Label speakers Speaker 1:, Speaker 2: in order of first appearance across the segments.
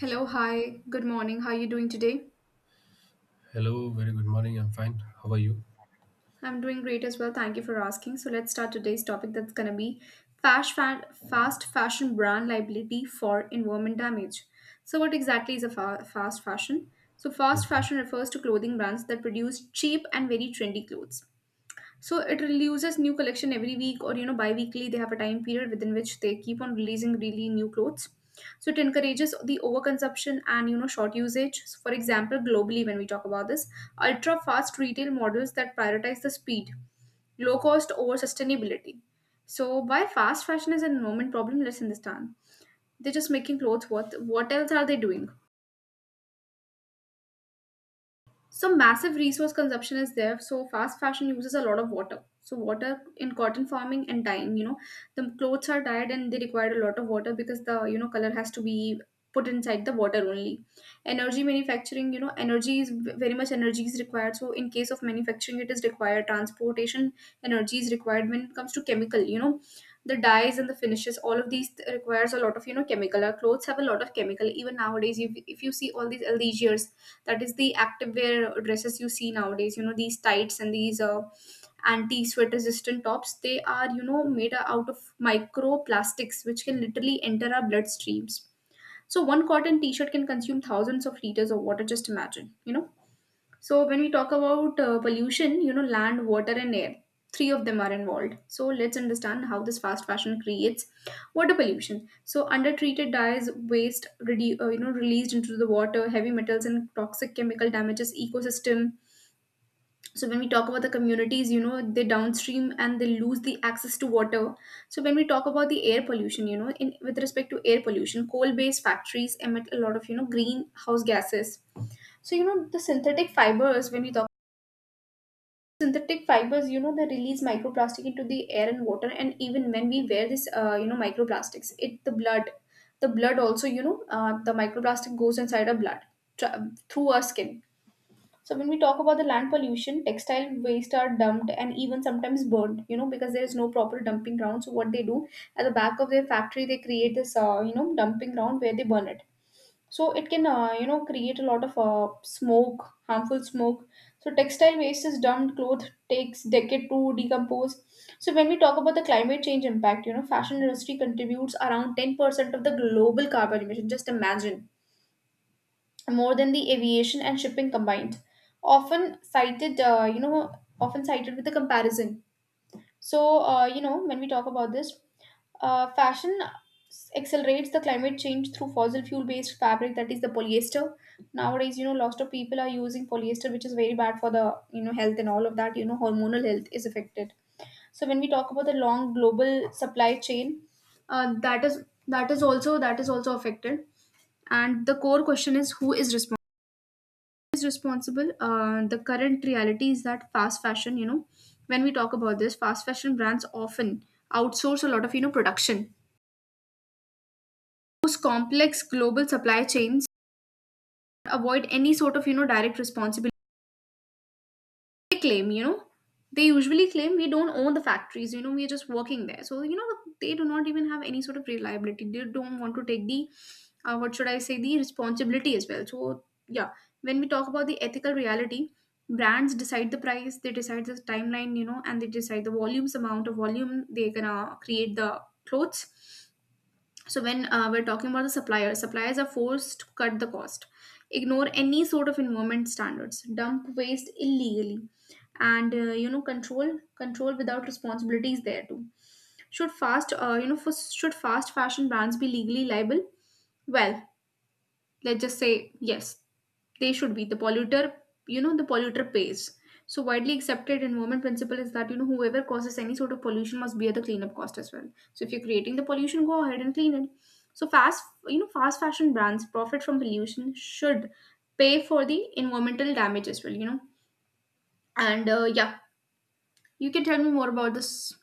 Speaker 1: Hello, hi, good morning. How are you doing today?
Speaker 2: Hello, very good morning. I'm fine. How are you?
Speaker 1: I'm doing great as well. Thank you for asking. So let's start today's topic that's gonna be fast fashion brand liability for environment damage. So what exactly is a fast fashion? So fast
Speaker 2: Mhm.
Speaker 1: fashion refers to clothing brands that produce cheap and very trendy clothes. So it releases new collection every week or you know bi-weekly, they have a time period within which they keep on releasing really new clothes. So it encourages the overconsumption and you know short usage. So for example, globally when we talk about this, ultra fast retail models that prioritize the speed, low cost over sustainability. So why fast fashion is an environment problem? Let's understand. They're just making clothes. What else are they doing? So massive resource consumption is there, so fast fashion uses a lot of water. So water in cotton farming and dyeing, you know, the clothes are dyed and they require a lot of water because the you know color has to be put inside the water only. Energy manufacturing, you know, energy is very much energy is required, so in case of manufacturing it is required. Transportation energy is required. When it comes to chemical, you know, the dyes and the finishes, all of these requires a lot of you know chemical. Our clothes have a lot of chemical even nowadays. If you see all these LDGers, that is the activewear dresses you see nowadays, you know these tights and these anti sweat resistant tops, they are you know made out of microplastics which can literally enter our bloodstreams. So one cotton t-shirt can consume thousands of liters of water, just imagine, you know. So when we talk about pollution, you know, land, water, and air, three of them are involved. So let's understand how this fast fashion creates water pollution. So undertreated dyes, waste, you know, released into the water, heavy metals and toxic chemical damages ecosystem. So when we talk about the communities, you know, they downstream and they lose the access to water. So when we talk about the air pollution, you know, in with respect to air pollution, coal-based factories emit a lot of you know greenhouse gases. So you know the synthetic fibers, when we talk synthetic fibers, you know they release microplastic into the air and water. And even when we wear this you know microplastics, it the blood, the blood also you know the microplastic goes inside our blood through our skin. So when we talk about the land pollution, textile waste are dumped and even sometimes burned, you know, because there is no proper dumping ground. So what they do at the back of their factory, they create this you know dumping ground where they burn it. So it can you know create a lot of smoke, harmful smoke. So textile waste is dumped, cloth takes decade to decompose. So when we talk about the climate change impact, you know fashion industry contributes around 10% of the global carbon emission, just imagine, more than the aviation and shipping combined, often cited you know, often cited with the comparison. So you know when we talk about this fashion accelerates the climate change through fossil fuel based fabric, that is the polyester. Nowadays you know lots of people are using polyester, which is very bad for the you know health and all of that, you know hormonal health is affected. So when we talk about the long global supply chain, that is also that is also affected. And the core question is who is responsible. Is responsible, the current reality is that fast fashion, you know, when we talk about this, fast fashion brands often outsource a lot of you know production. Those complex global supply chains avoid any sort of you know direct responsibility. They claim, you know, they usually claim we don't own the factories, you know, we're just working there. So you know they do not even have any sort of reliability, they don't want to take the what should I say, the responsibility as well. So yeah, when we talk about the ethical reality, brands decide the price, they decide the timeline, you know, and they decide the volumes, amount of volume they're gonna create the clothes. So when we're talking about the suppliers, suppliers are forced to cut the cost, ignore any sort of environment standards, dump waste illegally. And you know control without responsibility is there too. Should fast you know for, should fast fashion brands be legally liable? Well, let's just say yes, they should be. The polluter, you know, the polluter pays. So widely accepted environment principle is that you know whoever causes any sort of pollution must bear the cleanup cost as well. So if you're creating the pollution, go ahead and clean it. So fast you know fast fashion brands profit from pollution, should pay for the environmental damage as well, you know. And yeah, you can tell me more about this.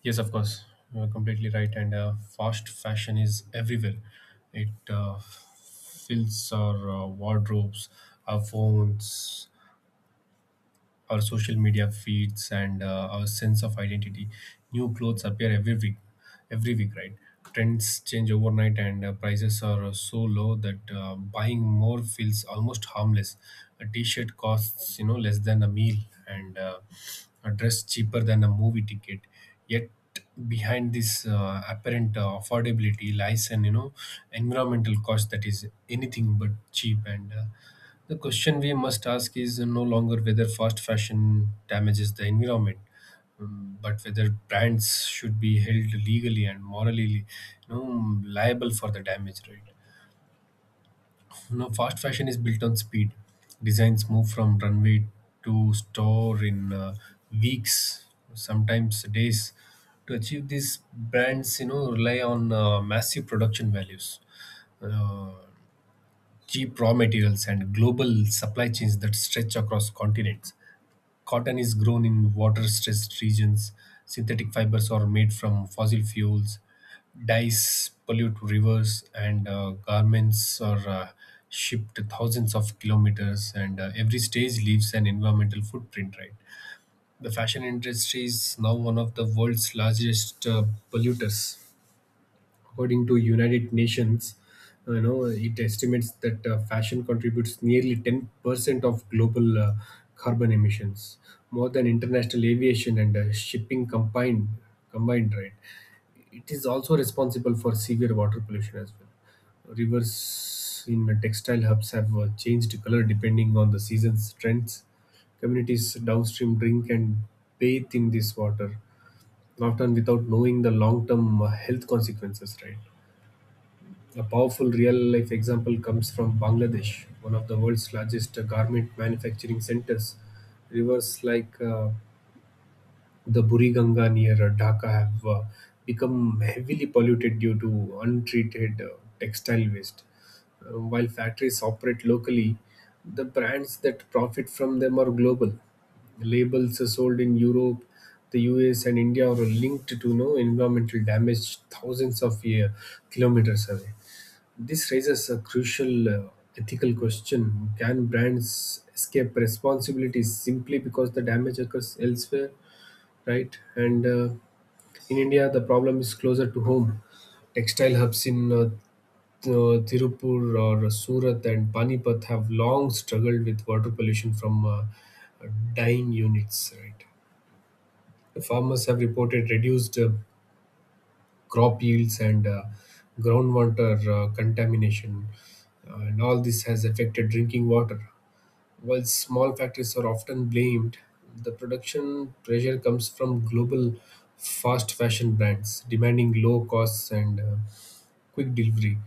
Speaker 2: Yes, of course. You're completely right. And fast fashion is everywhere. It fills our wardrobes, our phones, our social media feeds, and our sense of identity. New clothes appear every week, right? Trends change overnight, and prices are so low that buying more feels almost harmless. A T-shirt costs, you know, less than a meal, and a dress cheaper than a movie ticket. Yet behind this apparent affordability lies an, you know, environmental cost that is anything but cheap, and the question we must ask is no longer whether fast fashion damages the environment, but whether brands should be held legally and morally, you know, liable for the damage. Right? Now, fast fashion is built on speed. Designs move from runway to store in weeks, sometimes days. To achieve this, brands, you know, rely on massive production values. Uh, cheap raw materials and global supply chains that stretch across continents. Cotton is grown in water stressed regions, synthetic fibers are made from fossil fuels, dyes pollute rivers, and garments are shipped thousands of kilometers, and every stage leaves an environmental footprint, right? The fashion industry is now one of the world's largest polluters. According to United Nations, you know, it estimates that fashion contributes nearly 10% of global carbon emissions, more than international aviation and shipping combined, right? It is also responsible for severe water pollution as well. Rivers in textile hubs have changed color depending on the season's trends. Communities downstream drink and bathe in this water, often without knowing the long term health consequences, right? A powerful real-life example comes from Bangladesh, one of the world's largest garment manufacturing centers. Rivers like the Buriganga near Dhaka have become heavily polluted due to untreated textile waste. While factories operate locally, the brands that profit from them are global. Labels sold in Europe, the US, and India are linked to no environmental damage thousands of kilometers away. This raises a crucial ethical question. Can brands escape responsibility simply because the damage occurs elsewhere, right? And in India, the problem is closer to home. Textile hubs in Tirupur or Surat and Panipat have long struggled with water pollution from dyeing units, right? The farmers have reported reduced crop yields and groundwater contamination. And all this has affected drinking water. While small factories are often blamed, the production pressure comes from global fast fashion brands demanding low costs and quick delivery.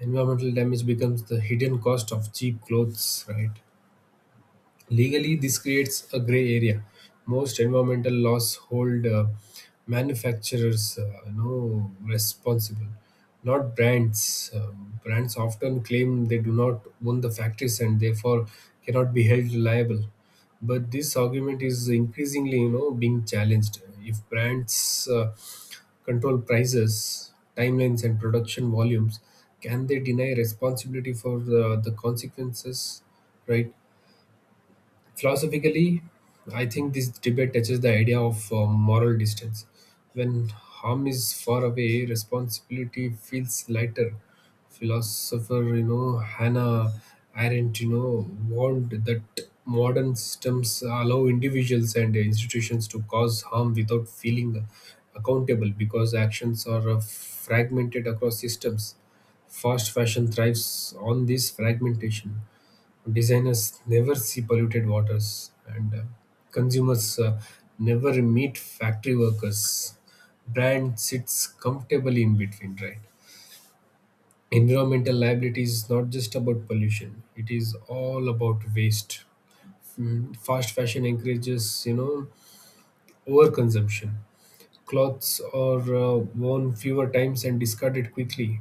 Speaker 2: Environmental damage becomes the hidden cost of cheap clothes, right? Legally, this creates a gray area. Most environmental laws hold manufacturers, you know, responsible, not brands. Brands often claim they do not own the factories and therefore cannot be held liable. But this argument is increasingly, you know, being challenged. If brands control prices, timelines, and production volumes, can they deny responsibility for the consequences? Right? Philosophically, I think this debate touches the idea of moral distance. When harm is far away, responsibility feels lighter. Philosopher, you know, Hannah Arendt, you know, warned that modern systems allow individuals and institutions to cause harm without feeling accountable because actions are fragmented across systems. Fast fashion thrives on this fragmentation. Designers never see polluted waters, and consumers never meet factory workers. Brand sits comfortably in between, right? Environmental liability is not just about pollution; it is all about waste. Mm, fast fashion encourages, you know, overconsumption. Clothes are worn fewer times and discarded quickly.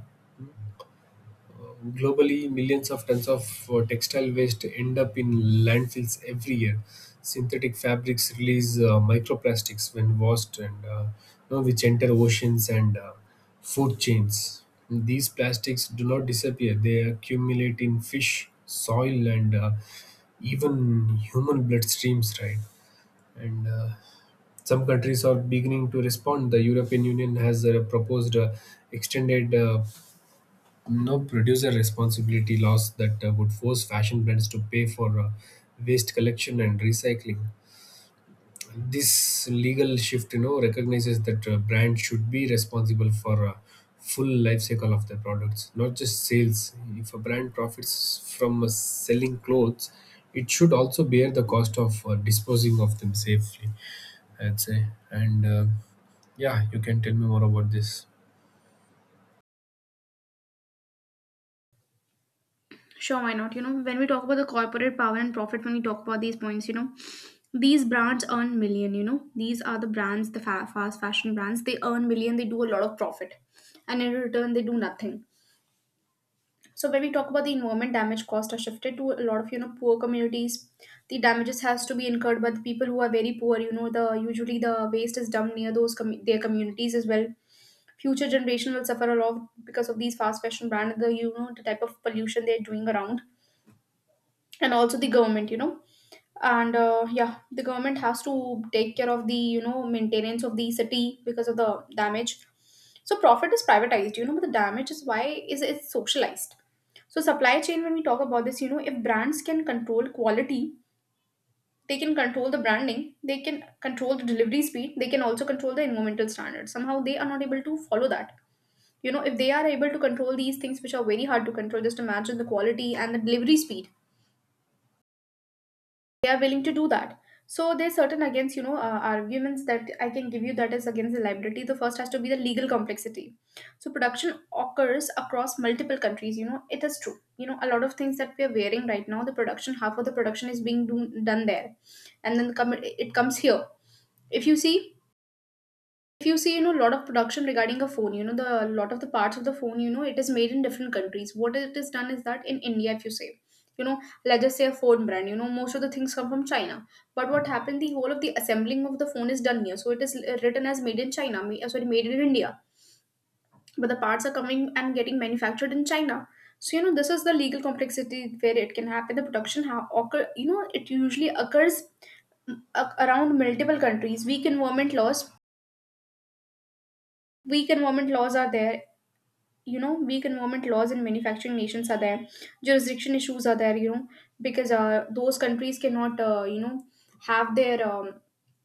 Speaker 2: Globally, millions of tons of textile waste end up in landfills every year. Synthetic fabrics release microplastics when washed, and you know, which enter oceans and food chains. These plastics do not disappear; they accumulate in fish, soil, and even human bloodstreams. Right, and some countries are beginning to respond. The European Union has proposed extended no producer responsibility laws that would force fashion brands to pay for waste collection and recycling. This legal shift, you know, recognizes that brands should be responsible for full life cycle of their products, not just sales. If a brand profits from selling clothes, it should also bear the cost of disposing of them safely. I'd say, and yeah, you can tell me more about this.
Speaker 1: Sure, why not? You know, when we talk about the corporate power and profit, when we talk about these points, you know, these brands earn million. You know, these are the brands, the fast fashion brands. They earn million. They do a lot of profit, and in return, they do nothing. So when we talk about the environment damage cost are shifted to a lot of you know poor communities. The damages has to be incurred by the people who are very poor. You know, the usually the waste is dumped near those their communities as well. Future generation will suffer a lot because of these fast fashion brands, the you know the type of pollution they're doing around. And also the government, you know, and yeah, the government has to take care of the you know maintenance of the city because of the damage. So profit is privatized, you know, but the damage is why is it's socialized. So supply chain, when we talk about this, you know, if brands can control quality, they can control the branding, they can control the delivery speed, they can also control the environmental standards, somehow they are not able to follow that, you know. If they are able to control these things which are very hard to control, just imagine the quality and the delivery speed, they are willing to do that. So there's certain against, you know, arguments that I can give you that is against the liability. The first has to be the legal complexity. So production occurs across multiple countries, you know, it is true, you know, a lot of things that we are wearing right now, the production half of the production is being done there and then it comes here. if you see if you see, you know, a lot of production regarding a phone, you know, the a lot of the parts of the phone, you know, it is made in different countries. What it is done is that in India, if you say, you know, let's just say a phone brand, you know, most of the things come from China. But what happened, the whole of the assembling of the phone is done here. So it is written as made in China, sorry, made in India. But the parts are coming and getting manufactured in China. So, you know, this is the legal complexity where it can happen. The production occur, you know, it usually occurs around multiple countries. Weak environment laws are there you know weak environment laws in manufacturing nations are there. Jurisdiction issues are there, you know, because those countries cannot you know have their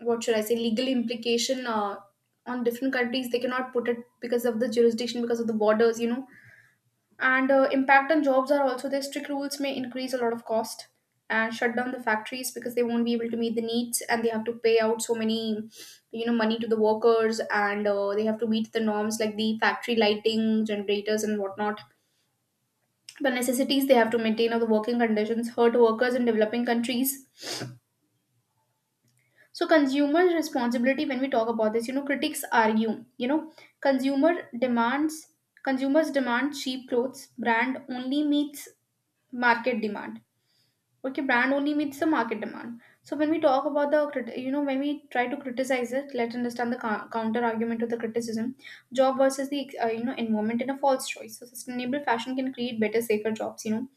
Speaker 1: what should I say, legal implication on different countries, they cannot put it because of the jurisdiction, because of the borders, you know. And impact on jobs are also there. Strict rules may increase a lot of cost and shut down the factories because they won't be able to meet the needs, and they have to pay out so many money to the workers, and they have to meet the norms like the factory lighting, generators, and whatnot. The necessities they have to maintain of the working conditions hurt workers in developing countries. So consumer responsibility, when we talk about this, you know, critics argue, you know, consumer demands, consumers demand cheap clothes, brand only meets market demand. Okay, brand only meets the market demand. So when we talk about the you know, when we try to criticize it, let's understand the counter argument to the criticism. Job versus the, you know, environment in a false choice. So sustainable fashion can create better, safer jobs, you know.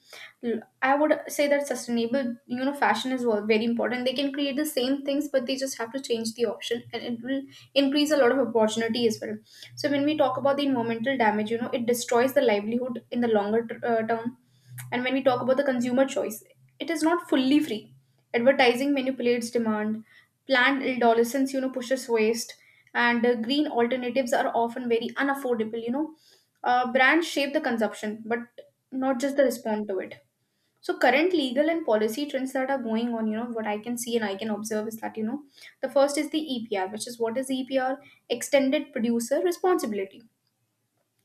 Speaker 1: L- I would say that sustainable, you know, fashion is very important. They can create the same things, but they just have to change the option, and it will increase a lot of opportunity as well. So when we talk about the environmental damage, you know, it destroys the livelihood in the longer term. And when we talk about the consumer choice, it is not fully free. Advertising manipulates demand, planned adolescence, you know, pushes waste, and green alternatives are often very unaffordable, Brands shape the consumption, but not just the respond to it. So current legal and policy trends that are going on, you know, what I can see and I can observe is that, you know, the first is the EPR, which is, what is EPR? Extended Producer Responsibility.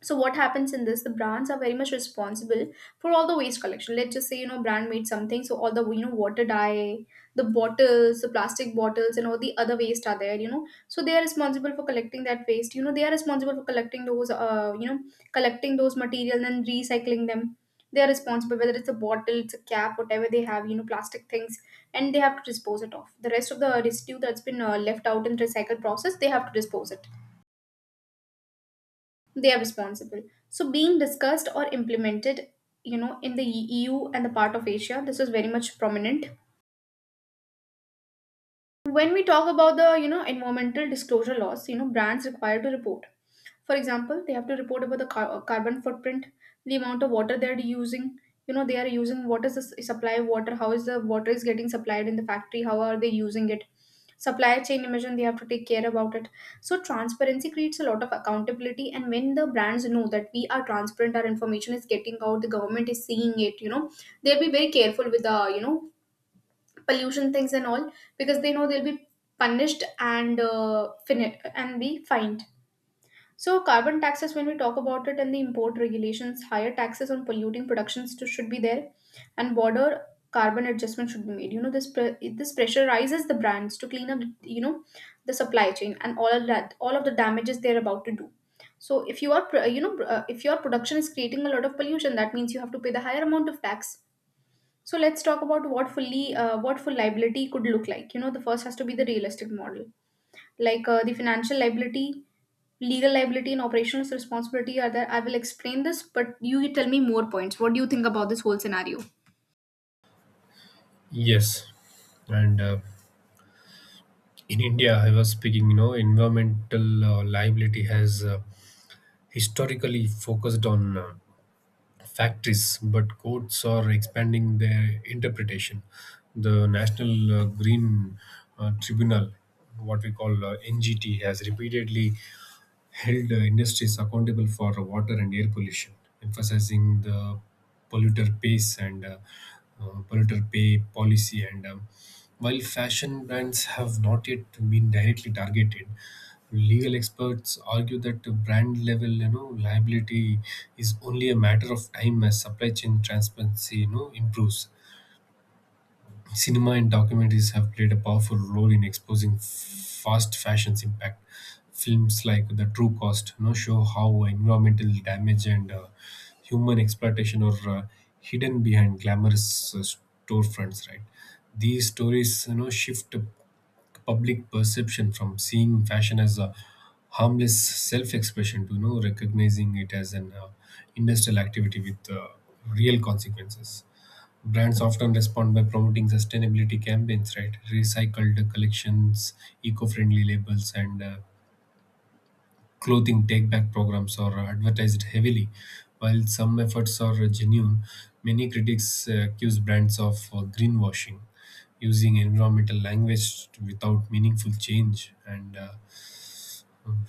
Speaker 1: So what happens in this, the brands are very much responsible for all the waste collection. Let's just say, you know, brand made something, so all the, you know, water dye, the bottles, the plastic bottles, and all the other waste are there, you know, so they are responsible for collecting that waste, you know, they are responsible for collecting those, you know, collecting those materials and recycling them. They are responsible, whether it's a bottle, it's a cap, whatever they have, you know, plastic things, and they have to dispose it off. The rest of the residue that's been left out in recycle process, they have to dispose it. They are responsible. So being discussed or implemented, you know, in the EU and the part of Asia, this is very much prominent. When we talk about the, you know, environmental disclosure laws, you know, brands required to report. For example, they have to report about the carbon footprint, the amount of water they're using. You know, they are using, what is the supply of water, how is the water is getting supplied in the factory, how are they using it. Supply chain emission, they have to take care about it. So transparency creates a lot of accountability, and when the brands know that we are transparent, our information is getting out, the government is seeing it. You know, they'll be very careful with the, pollution things and all, because they know they'll be punished and and be fined. So carbon taxes, when we talk about it, and the import regulations, higher taxes on polluting productions to, should be there, and border carbon adjustment should be made. You know, this this pressurizes the brands to clean up, you know, the supply chain and all of that, all of the damages they're about to do. So if you are, you know, if your production is creating a lot of pollution, that means you have to pay the higher amount of tax. So let's talk about what fully what full liability could look like. You know, the first has to be the realistic model. Like, the financial liability, legal liability, and operational responsibility are there. I will explain this, but you tell me more points. What do you think about this whole scenario?
Speaker 2: Yes, and. In India, I was speaking, you know, environmental liability has historically focused on factories, but courts are expanding their interpretation. The National Green Tribunal, what we call NGT, has repeatedly held industries accountable for water and air pollution, emphasizing the polluter pays and uh, polluter pay policy. And while fashion brands have not yet been directly targeted, legal experts argue that the brand level, you know, liability is only a matter of time as supply chain transparency, you know, improves. Cinema and documentaries have played a powerful role in exposing fast fashion's impact. Films like The True Cost, you know, show how environmental damage and human exploitation are hidden behind glamorous storefronts. Right, these stories, you know, shift the public perception from seeing fashion as a harmless self-expression to, you know, recognizing it as an industrial activity with real consequences. Brands often respond by promoting sustainability campaigns, right? Recycled collections, eco-friendly labels, and clothing take-back programs are advertised heavily. While some efforts are genuine, many critics accuse brands of greenwashing, using environmental language without meaningful change, and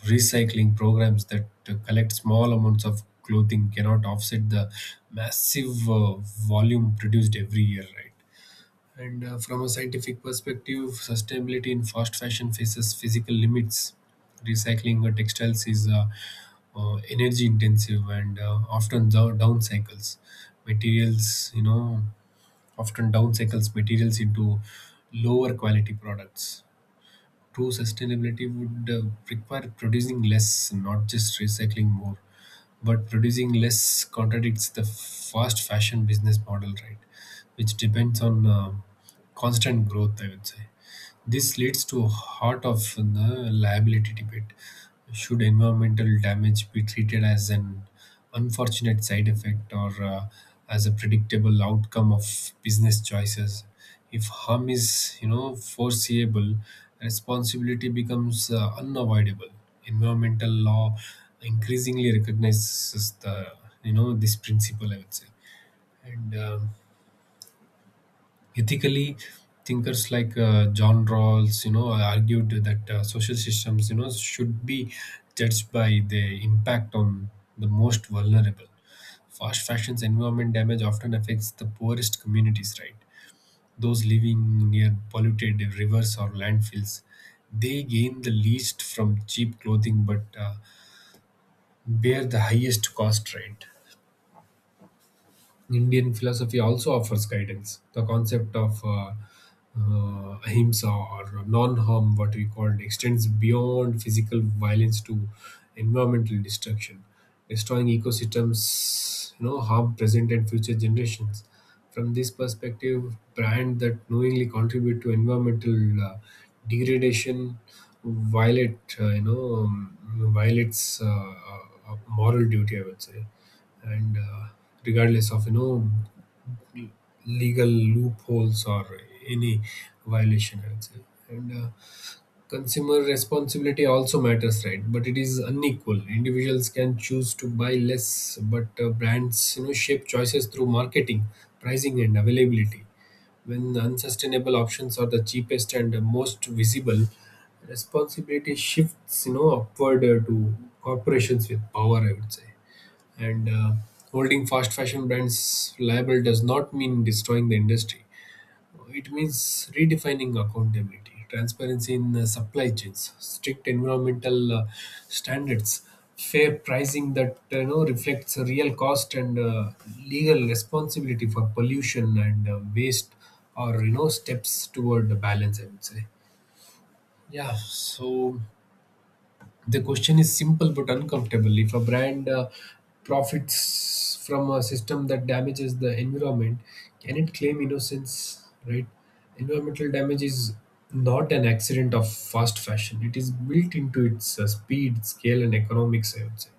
Speaker 2: recycling programs that collect small amounts of clothing cannot offset the massive volume produced every year, right? And from a scientific perspective, sustainability in fast fashion faces physical limits. Recycling textiles is energy intensive and often down cycles materials. You know, often down cycles materials into lower quality products. True sustainability would require producing less, not just recycling more, but producing less contradicts the fast fashion business model, right? Which depends on constant growth, I would say. This leads to heart of the liability debate. Should environmental damage be treated as an unfortunate side effect or as a predictable outcome of business choices? If harm is, you know, foreseeable, responsibility becomes unavoidable. Environmental law increasingly recognizes the, you know, this principle. I would say, and ethically, thinkers like john rawls, you know, argued that social systems, you know, should be judged by their impact on the most vulnerable. Fast fashion's environment damage often affects the poorest communities, right? Those living near polluted rivers or landfills, they gain the least from cheap clothing but bear the highest cost, right? Indian philosophy also offers guidance. The concept of ahimsa or non harm, what we call it, extends beyond physical violence to environmental destruction, destroying ecosystems, you know, harm present and future generations. From this perspective, brands that knowingly contribute to environmental degradation violate, you know, violates a moral duty, I would say, and regardless of, you know, legal loopholes or any violation, I would say, and consumer responsibility also matters, right? But it is unequal. Individuals can choose to buy less, but brands, you know, shape choices through marketing, pricing, and availability. When unsustainable options are the cheapest and most visible, responsibility shifts, you know, upward to corporations with power, I would say, and holding fast fashion brands liable does not mean destroying the industry. It means redefining accountability, transparency in supply chains, strict environmental standards, fair pricing that you know reflects the real cost, and legal responsibility for pollution and waste, or, you know, steps toward the balance. I would say. Yeah, so the question is simple but uncomfortable. If a brand profits from a system that damages the environment, can it claim innocence? Right? Environmental damage is not an accident of fast fashion. It is built into its speed, scale, and economics. I would say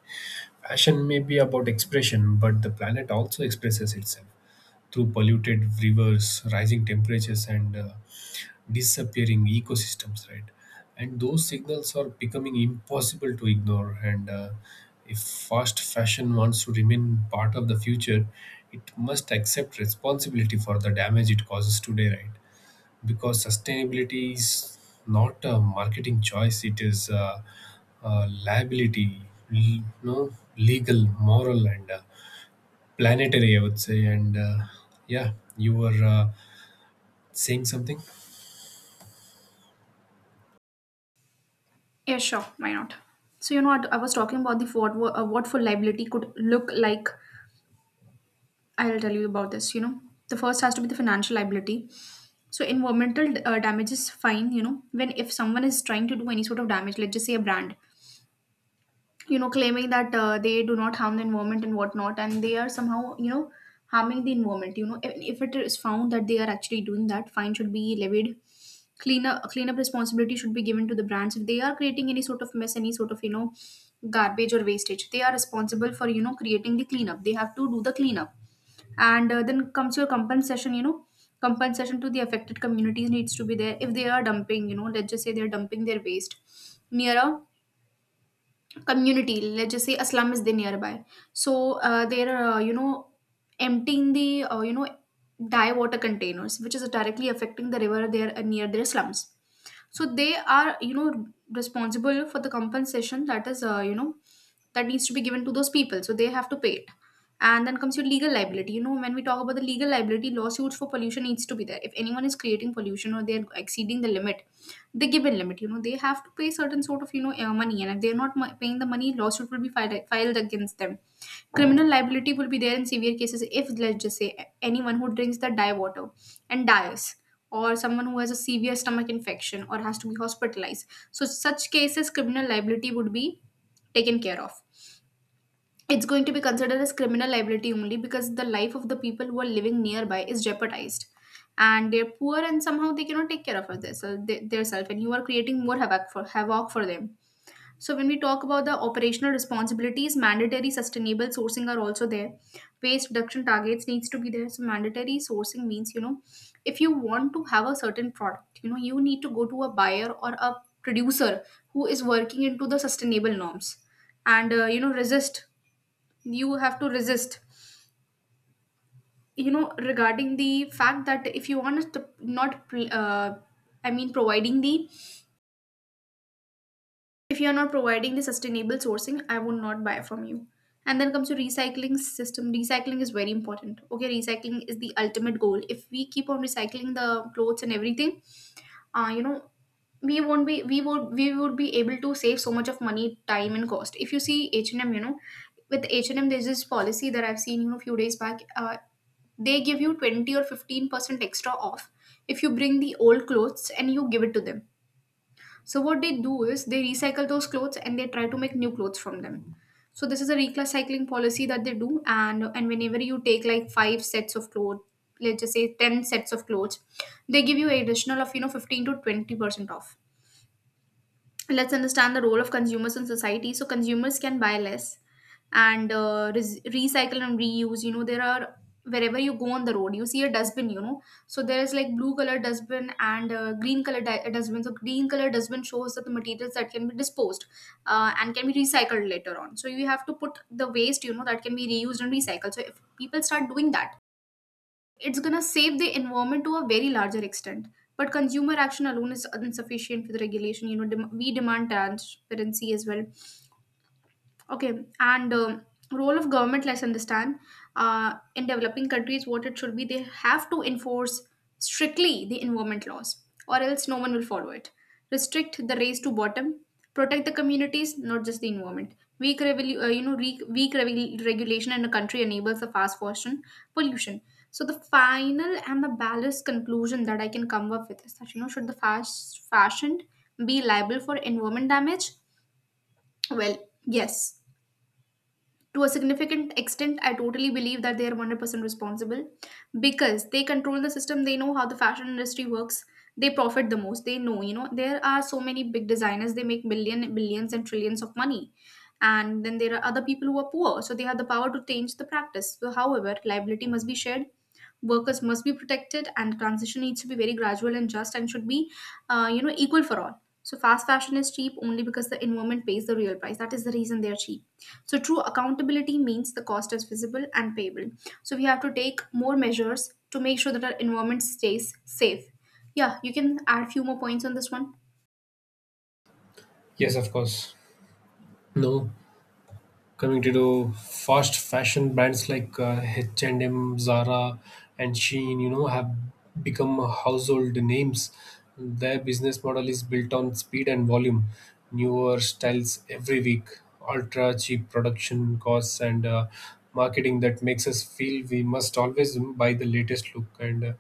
Speaker 2: fashion may be about expression, but the planet also expresses itself through polluted rivers, rising temperatures, and disappearing ecosystems, right? And those signals are becoming impossible to ignore, and if fast fashion wants to remain part of the future, it must accept responsibility for the damage it causes today, right? Because sustainability is not a marketing choice; it is a liability, l- no legal, moral, and planetary, I would say, and yeah, you were saying something.
Speaker 1: Yeah, sure. Why not? So, you know, what I was talking about, the what, what full liability could look like. I'll tell you about this. You know, the first has to be the financial liability. So environmental damage is fine. You know, when if someone is trying to do any sort of damage, let's just say a brand, you know, claiming that they do not harm the environment and whatnot, and they are somehow, you know, harming the environment, you know, and if it is found that they are actually doing that, fine should be levied. Cleanup responsibility should be given to the brands. If they are creating any sort of mess, any sort of, you know, garbage or wastage, they are responsible for, you know, creating the cleanup. They have to do the cleanup. And then comes your compensation. You know, compensation to the affected communities needs to be there. If they are dumping, you know, let's just say they're dumping their waste near a community, let's just say a slum is there nearby. So they're, you know, emptying the, you know, dye water containers, which is directly affecting the river there, near their slums. So they are, you know, responsible for the compensation that is, you know, that needs to be given to those people, so they have to pay it. And then comes your legal liability. You know, when we talk about the legal liability, lawsuits for pollution needs to be there. If anyone is creating pollution or they are exceeding the limit, the given limit, you know, they have to pay certain sort of, you know, money. And if they're not mo- paying the money, lawsuit will be filed against them. Criminal liability will be there in severe cases. If let's just say anyone who drinks the dye water and dies, or someone who has a severe stomach infection or has to be hospitalized, so such cases criminal liability would be taken care of. It's going to be considered as criminal liability only, because the life of the people who are living nearby is jeopardized and they're poor, and somehow they cannot take care of this, their self, and you are creating more havoc for them. So when we talk about the operational responsibilities, mandatory sustainable sourcing are also there. Waste reduction targets needs to be there. So mandatory sourcing means, you know, if you want to have a certain product, you know, you need to go to a buyer or a producer who is working into the sustainable norms and, you know, resist. You have to resist. You know, regarding the fact that if you want us to not, providing the, if you are not providing the sustainable sourcing, I would not buy from you. And then comes to recycling system. Recycling is very important. Okay, recycling is the ultimate goal. If we keep on recycling the clothes and everything, you know, we won't be we would be able to save so much of money, time, and cost. If you see H and M, you know, with H and M, there's this policy that I've seen, you know, few days back. They give you 20 or 15% extra off if you bring the old clothes and you give it to them. So what they do is they recycle those clothes and they try to make new clothes from them. So this is a recycling policy that they do, and whenever you take like five sets of clothes, let's just say ten sets of clothes, they give you additional of, you know, 15 to 20% off. Let's understand the role of consumers in society. So consumers can buy less and recycle and reuse. You know, there are, wherever you go on the road, you see a dustbin, you know. So there is like blue color dustbin and green dustbin. So green color dustbin shows that the materials that can be disposed and can be recycled later on, so you have to put the waste, you know, that can be reused and recycled. So if people start doing that, it's going to save the environment to a very larger extent. But consumer action alone is insufficient for the regulation. You know, we demand transparency as well. Okay, and role of government, let's understand, in developing countries, what it should be, they have to enforce strictly the environment laws, or else no one will follow it. Restrict the race to bottom, protect the communities, not just the environment. Weak, you know, weak regulation in a country enables the fast fashion pollution. So the final and the balanced conclusion that I can come up with is that, you know, should the fast fashion be liable for environment damage? Well, yes, to a significant extent. I totally believe that they are 100% responsible, because they control the system, they know how the fashion industry works, they profit the most. They know, you know, there are so many big designers, they make million, billions, and trillions of money, and then there are other people who are poor. So they have the power to change the practice. So however, liability must be shared. Workers must be protected, and transition needs to be very gradual and just, and should be, you know, equal for all. So fast fashion is cheap only because the environment pays the real price. That is the reason they are cheap. So true accountability means the cost is visible and payable. So we have to take more measures to make sure that our environment stays safe. Yeah, you can add few more points on this one.
Speaker 2: Yes, of course. No, coming to do fast fashion brands like H&M, Zara, and Shein, you know, have become household names. Their business model is built on speed and volume, newer styles every week, ultra cheap production costs, and marketing that makes us feel we must always buy the latest look. And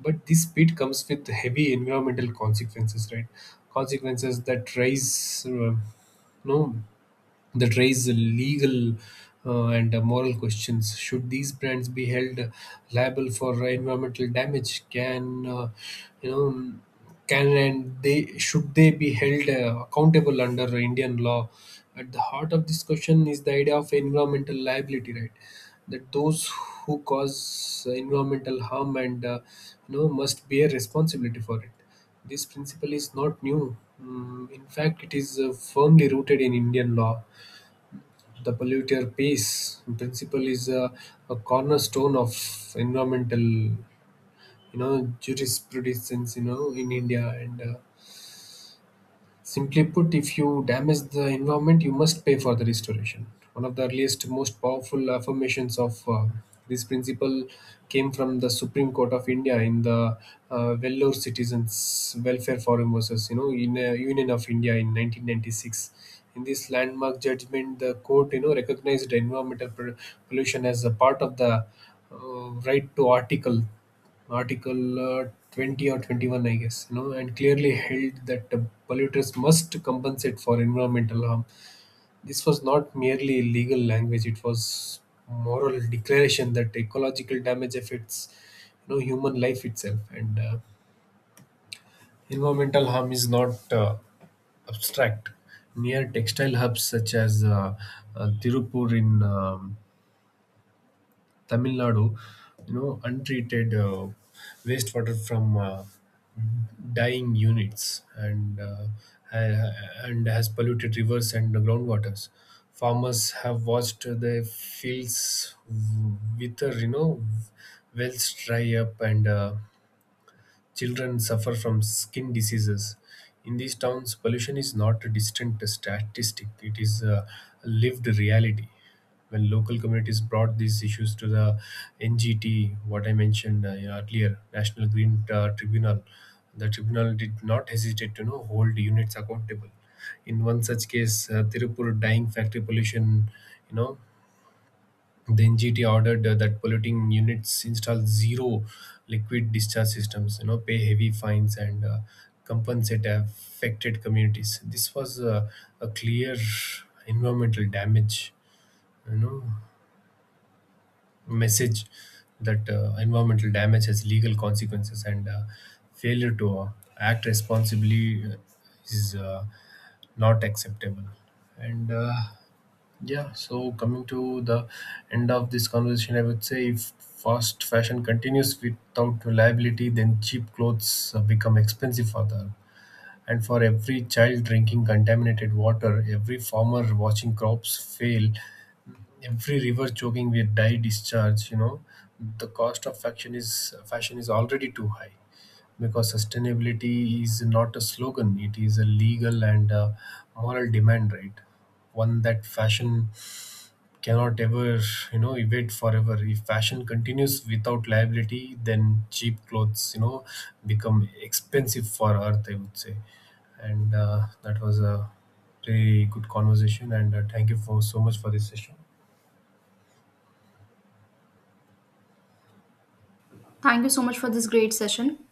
Speaker 2: but this speed comes with heavy environmental consequences, right? Consequences that know, raise legal and moral questions. Should these brands be held liable for environmental damage? Can you know? Can and they should they be held accountable under Indian law? At the heart of this question is the idea of environmental liability, right? That those who cause environmental harm and you know must bear responsibility for it. This principle is not new. In fact, it is firmly rooted in Indian law. The polluter pays principle is a cornerstone of environmental, jurisprudence, in India. And Simply put, if you damage the environment, you must pay for the restoration. One of the earliest, most powerful affirmations of this principle came from the Supreme Court of India in the Vellore Citizens Welfare Forum versus, you know, in Union of India in 1996. In this landmark judgment, the court, recognized pollution as a part of the right to article Article 20 or 21, I guess, you know, and clearly held that polluters must compensate for environmental harm. This was not merely legal language; it was moral declaration that ecological damage affects, human life itself, and environmental harm is not abstract. Near textile hubs such as Tirupur in Tamil Nadu, untreated wastewater from dyeing units ha- and has polluted rivers and groundwaters. Farmers have watched their fields wither, wells dry up, and children suffer from skin diseases. In these towns, pollution is not a distant statistic, it is a lived reality. When local communities brought these issues to the NGT, what I mentioned earlier, National Green Tribunal, the tribunal did not hesitate to, you know, hold units accountable. In one such case, Tirupur dyeing factory pollution, you know, the NGT ordered that polluting units install zero liquid discharge systems, pay heavy fines, and compensate affected communities. This was a clear environmental damage, you know, message that environmental damage has legal consequences and failure to act responsibly is not acceptable. And uh, yeah, so coming to the end of this conversation, I would say if fast fashion continues without reliability, then cheap clothes become expensive for them. And for every child drinking contaminated water, every farmer watching crops fail, every river choking with dye discharge, the cost of fashion is already too high, because sustainability is not a slogan; it is a legal and moral demand, right? One that fashion cannot ever, evade forever. If fashion continues without liability, then cheap clothes, become expensive for Earth, I would say. And that was a very good conversation. And thank you for so much for this session.
Speaker 1: Thank you so much for this great session.